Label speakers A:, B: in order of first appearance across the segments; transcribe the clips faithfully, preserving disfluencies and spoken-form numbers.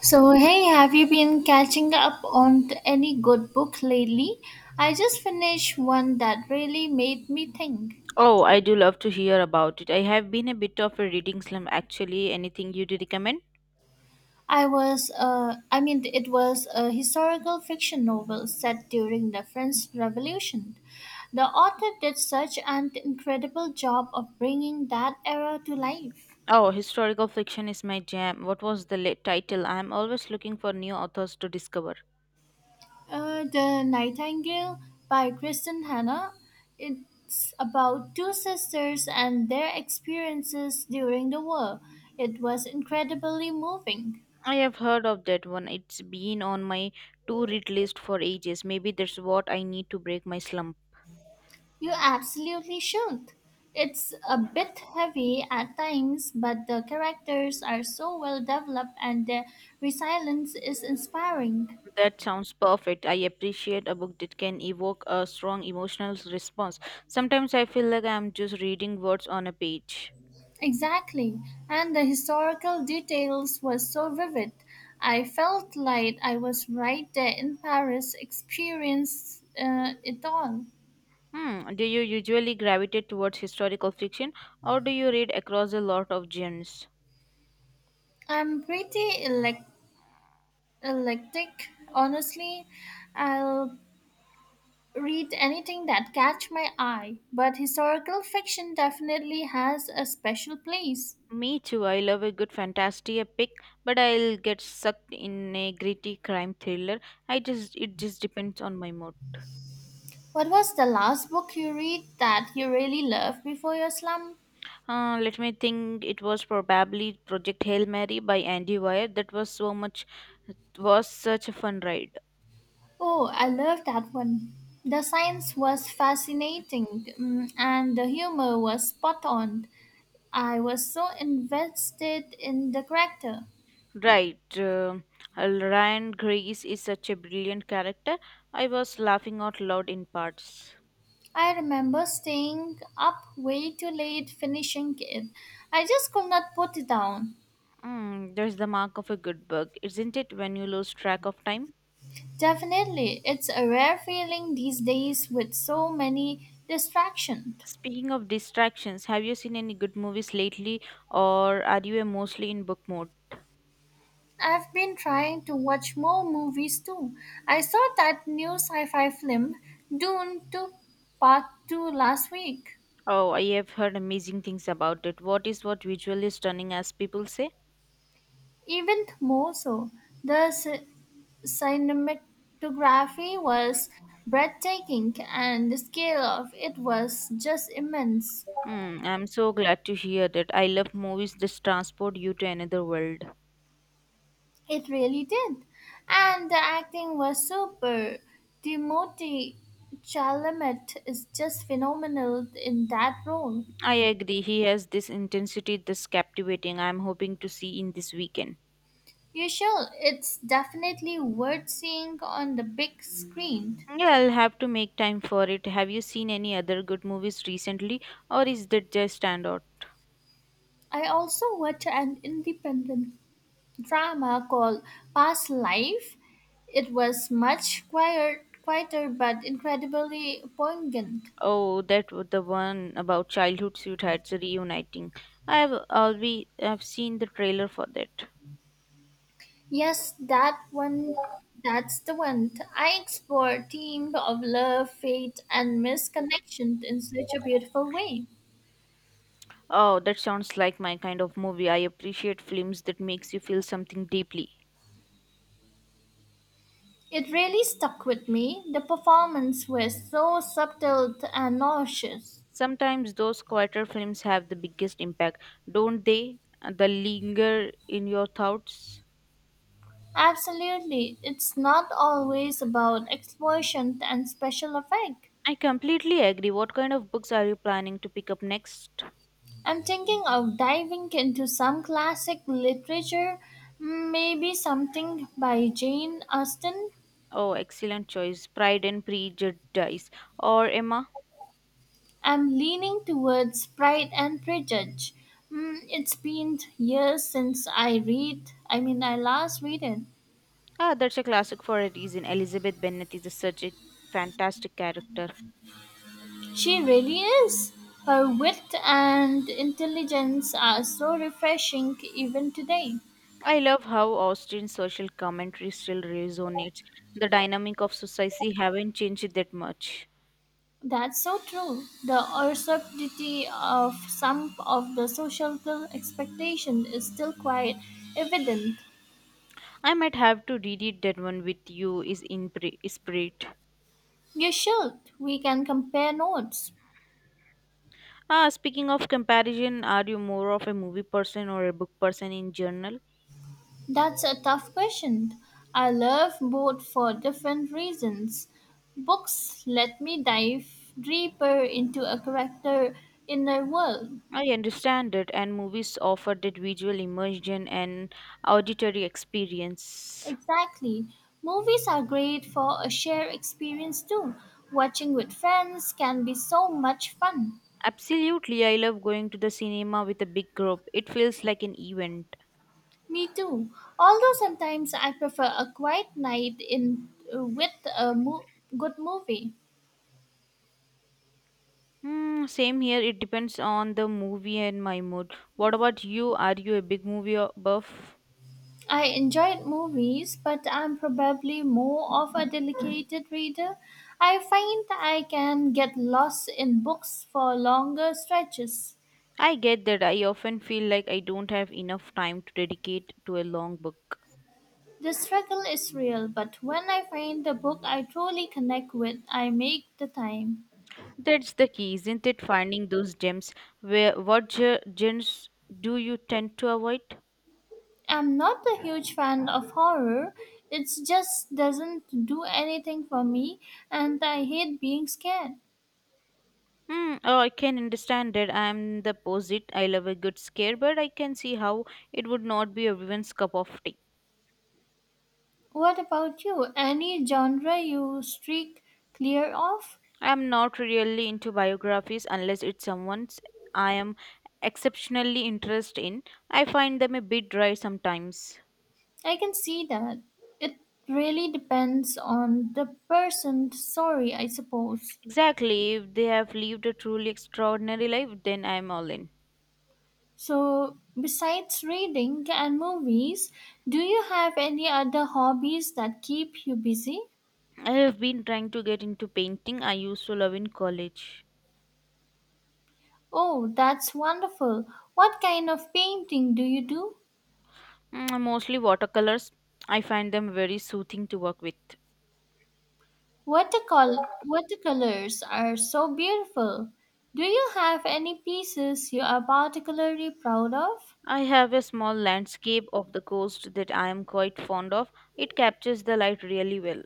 A: So, hey, have you been catching up on t- any good book lately? I just finished one that really made me think.
B: Oh, I do love to hear about it. I have been a bit of a reading slump, actually. Anything you'd recommend?
A: I was, uh, I mean, it was a historical fiction novel set during the French Revolution. The author did such an incredible job of bringing that era to life.
B: Oh, historical fiction is my jam. What was the la- title? I am always looking for new authors to discover.
A: Uh, the Nightingale by Kristen Hannah. It's about two sisters and their experiences during the war. It was incredibly moving.
B: I have heard of that one. It's been on my to read list for ages. Maybe that's what I need to break my slump.
A: You absolutely should. It's a bit heavy at times, but the characters are so well developed and their resilience is inspiring.
B: That sounds perfect. I appreciate a book that can evoke a strong emotional response. Sometimes I feel like I'm just reading words on a page.
A: Exactly, and the historical details were so vivid. I felt like I was right there in Paris, experienced uh, it all.
B: Hmm. Do you usually gravitate towards historical fiction or do you read across a lot of genres?
A: I'm pretty elect- electric, honestly. I'll read anything that catch my eye, but historical fiction definitely has a special place.
B: Me too. I love a good fantasy epic, but I'll get sucked in a gritty crime thriller. I just it just depends on my mood.
A: What was the last book you read that you really loved before your slump?
B: Uh, let me think. It was probably Project Hail Mary by Andy Weir. That was so much. It was such a fun ride.
A: Oh, I love that one. The science was fascinating mm, and the humor was spot on. I was so invested in the character.
B: Right. Uh, Ryan Grace is such a brilliant character. I was laughing out loud in parts.
A: I remember staying up way too late finishing it. I just could not put it down.
B: Mm, there's the mark of a good book, isn't it, when you lose track of time?
A: Definitely, it's a rare feeling these days with so many distractions.
B: Speaking of distractions, have you seen any good movies lately, or are you uh, mostly in book mode?
A: I've been trying to watch more movies too. I saw that new sci fi film, Dune two Part two, last week.
B: Oh, I have heard amazing things about it. What is what visually stunning, as people say?
A: Even more so, the ci- cinematography was breathtaking and the scale of it was just immense.
B: Hmm, I'm so glad to hear that. I love movies that transport you to another world.
A: It really did. And the acting was super. Timothy Chalamet is just phenomenal in that role.
B: I agree. He has this intensity that's captivating. I'm hoping to see in this weekend.
A: You shall. It's definitely worth seeing on the big screen.
B: Yeah, I'll have to make time for it. Have you seen any other good movies recently, or is that just standout?
A: I also watched an independent drama called Past Life. It was much quieter, quieter but incredibly poignant.
B: Oh, that was the one about childhood sweethearts reuniting. I have always I've seen the trailer for that.
A: Yes, that one. That's the one. I explore themes of love, fate, and misconnection in such a beautiful way.
B: Oh, that sounds like my kind of movie. I appreciate films that makes you feel something deeply.
A: It really stuck with me. The performance was so subtle and nauseous.
B: Sometimes those quieter films have the biggest impact, don't they? The linger in your thoughts.
A: Absolutely. It's not always about explosion and special effect.
B: I completely agree. What kind of books are you planning to pick up next?
A: I'm thinking of diving into some classic literature, maybe something by Jane Austen.
B: Oh, excellent choice. Pride and Prejudice. Or Emma?
A: I'm leaning towards Pride and Prejudice. Mm, it's been years since I read, I mean, I last read it.
B: Ah, that's a classic for a reason. Elizabeth Bennet is such a fantastic character.
A: She really is. Her wit and intelligence are so refreshing even today.
B: I love how Austen's social commentary still resonates. The dynamic of society haven't changed that much.
A: That's so true. The absurdity of some of the societal expectation is still quite evident.
B: I might have to read it. That one with you is in pre- spirit.
A: You should. We can compare notes.
B: Ah, speaking of comparison, are you more of a movie person or a book person in general?
A: That's a tough question. I love both for different reasons. Books let me dive deeper into a character inner world.
B: I understand it, and movies offer that visual immersion and auditory experience.
A: Exactly. Movies are great for a shared experience too. Watching with friends can be so much fun.
B: Absolutely, I love going to the cinema with a big group. It feels like an event.
A: Me too. Although sometimes I prefer a quiet night in with a mo- good movie.
B: Hmm, same here, it depends on the movie and my mood. What about you? Are you a big movie o- buff?
A: I enjoyed movies, but I'm probably more of a dedicated reader. I find I can get lost in books for longer stretches.
B: I get that. I often feel like I don't have enough time to dedicate to a long book.
A: The struggle is real, but when I find the book I truly connect with, I make the time.
B: That's the key, isn't it? Finding those gems. Where what ge- genres do you tend to avoid?
A: I'm not a huge fan of horror. It just doesn't do anything for me, and I hate being scared.
B: Hmm. Oh, I can understand it. I'm the opposite. I love a good scare, but I can see how it would not be everyone's cup of tea.
A: What about you? Any genre you streak clear of?
B: I'm not really into biographies unless it's someone's I am exceptionally interested in. I find them a bit dry sometimes.
A: I can see that. It really depends on the person story, I suppose.
B: Exactly. If they have lived a truly extraordinary life, then I'm all in.
A: So, besides reading and movies, do you have any other hobbies that keep you busy?
B: I have been trying to get into painting I used to love in college.
A: Oh, that's wonderful. What kind of painting do you do?
B: Mm, mostly watercolors. I find them very soothing to work with.
A: Watercol- watercolors are so beautiful. Do you have any pieces you are particularly proud of?
B: I have a small landscape of the coast that I am quite fond of. It captures the light really well.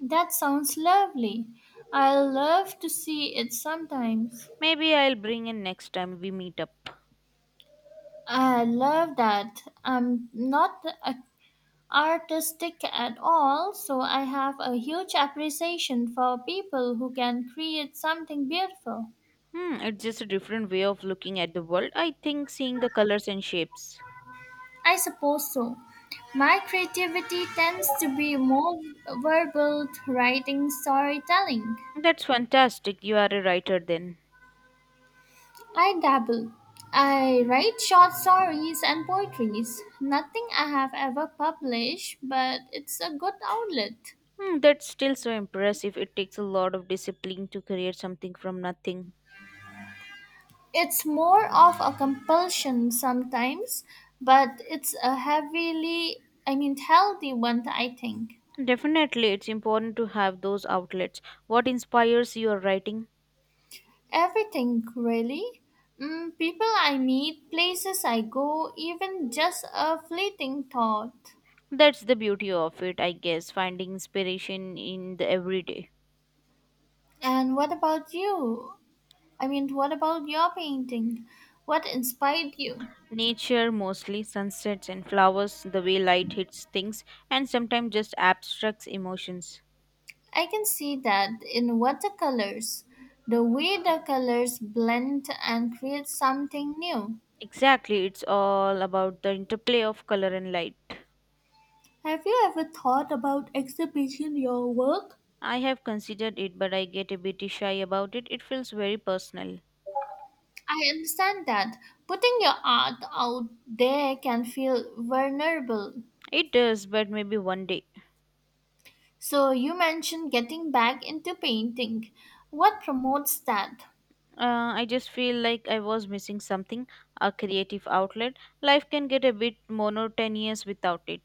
A: That sounds lovely. I love to see it sometimes.
B: Maybe I'll bring it next time we meet up.
A: I love that. I'm not a- artistic at all, so I have a huge appreciation for people who can create something beautiful.
B: Hmm, it's just a different way of looking at the world. I think seeing the colors and shapes.
A: I suppose so. My creativity tends to be more verbal, writing, storytelling.
B: That's fantastic. You are a writer then.
A: I dabble. I write short stories and poetries. Nothing I have ever published, but it's a good outlet.
B: Hmm, that's still so impressive. It takes a lot of discipline to create something from nothing.
A: It's more of a compulsion sometimes, but it's a heavily, I mean, healthy one, I think.
B: Definitely, it's important to have those outlets. What inspires your writing?
A: Everything, really. Mm, people I meet, places I go, even just a fleeting thought.
B: That's the beauty of it, I guess, finding inspiration in the everyday.
A: And what about you? I mean, what about your painting? What inspired you?
B: Nature mostly, sunsets and flowers, the way light hits things, and sometimes just abstracts emotions.
A: I can see that in watercolors, the way the colors blend and create something new.
B: Exactly, it's all about the interplay of color and light.
A: Have you ever thought about exhibiting your work?
B: I have considered it, but I get a bit shy about it. It feels very personal.
A: I understand that putting your art out there can feel vulnerable.
B: It does, but maybe one day.
A: So, you mentioned getting back into painting. What promotes that?
B: Uh, I just feel like I was missing something a creative outlet. Life can get a bit monotonous without it.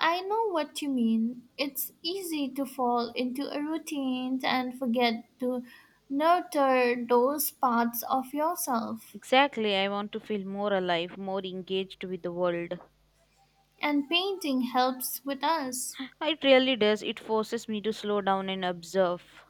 A: I know what you mean. It's easy to fall into a routine and forget to nurture those parts of yourself.
B: Exactly, I want to feel more alive, more engaged with the world.
A: And painting helps with us.
B: It really does. It forces me to slow down and observe.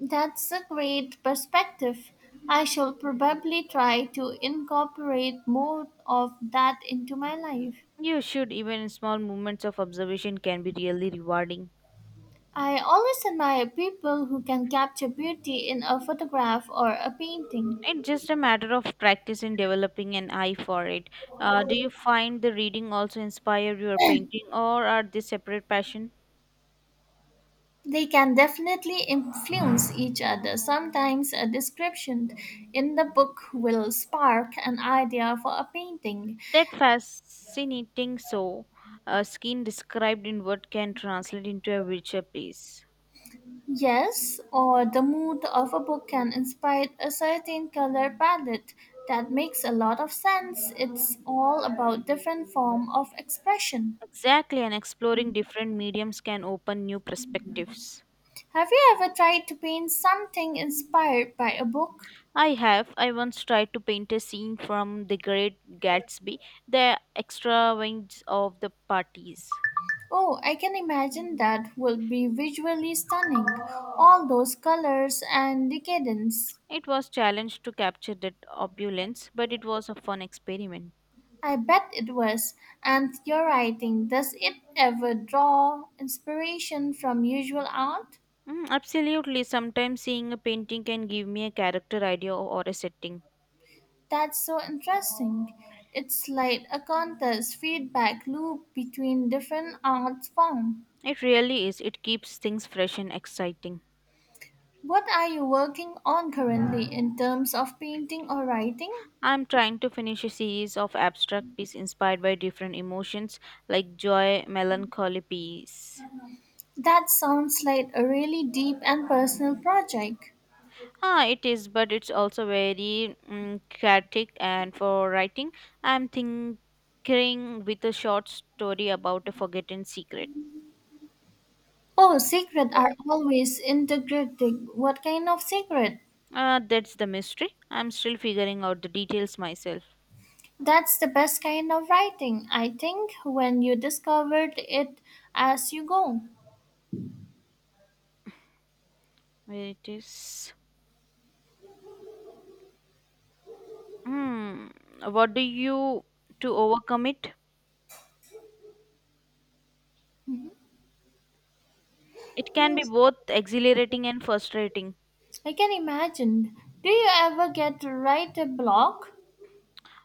A: That's a great perspective. I shall probably try to incorporate more of that into my life.
B: You should, even small moments of observation can be really rewarding.
A: I always admire people who can capture beauty in a photograph or a painting.
B: It's just a matter of practice in developing an eye for it. Uh, do you find the reading also inspire your painting, or are they separate passion?
A: They can definitely influence each other. Sometimes a description in the book will spark an idea for a painting.
B: That fascinating. So, a skin described in word can translate into a richer piece.
A: Yes, or the mood of a book can inspire a certain color palette. That makes a lot of sense. It's all about different form of expression.
B: Exactly, and exploring different mediums can open new perspectives.
A: Have you ever tried to paint something inspired by a book?
B: I have. I once tried to paint a scene from The Great Gatsby, the extravagance of the parties.
A: Oh, I can imagine that will be visually stunning. All those colors and decadence.
B: It was challenged to capture that opulence, but it was a fun experiment.
A: I bet it was. And your writing, does it ever draw inspiration from usual art?
B: Mm, absolutely. Sometimes seeing a painting can give me a character idea or a setting.
A: That's so interesting. It's like a contest feedback loop between different art forms.
B: It really is. It keeps things fresh and exciting.
A: What are you working on currently in terms of painting or writing?
B: I'm trying to finish a series of abstract pieces inspired by different emotions like joy, melancholy, peace.
A: That sounds like a really deep and personal project.
B: Ah, it is, but it's also very mm, chaotic. And for writing, I'm thinking with a short story about a forgotten secret.
A: Oh, secret are always integrating. What kind of secret?
B: Uh, that's the mystery. I'm still figuring out the details myself.
A: That's the best kind of writing, I think, when you discovered it as you go.
B: Where it is? Hmm. What do you to overcome it? It can be
A: Mm,
B: both exhilarating and frustrating.
A: I can imagine. Do you ever get to write a block?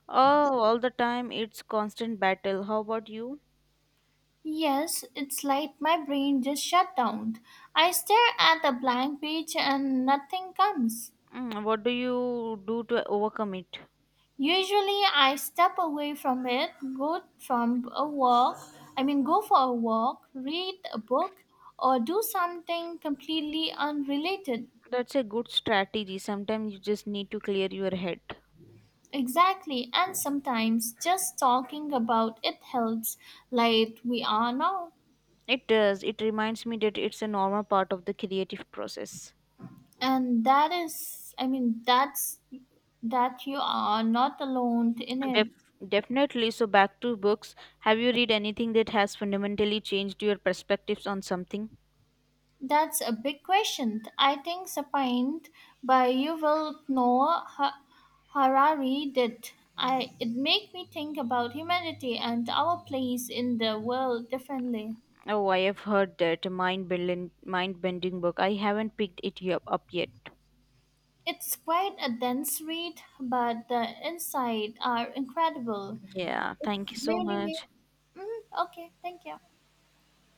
B: Oh, all the time it's constant battle. How about you?
A: Yes, it's like my brain just shut down. I stare at a blank page and nothing comes.
B: Mm, what do you do to overcome it?
A: Usually I step away from it, go from a walk, I mean go for a walk, read a book or do something completely unrelated.
B: That's a good strategy. Sometimes you just need to clear your head.
A: Exactly, and sometimes just talking about it helps like we are now.
B: It does. It reminds me that it's a normal part of the creative process.
A: And that is I mean that's that you are not alone in it.
B: Def- definitely. So, back to books. Have you read anything that has fundamentally changed your perspectives on something?
A: That's a big question. I think Sapient by Yuval Noah Ha- Harari did. I, it made me think about humanity and our place in the world differently.
B: Oh, I have heard that mind bending mind bending book. I haven't picked it y- up yet.
A: It's quite a dense read, but the insights are incredible.
B: Yeah. Thank you so
A: Really made.
B: much.
A: Mm, okay, thank you.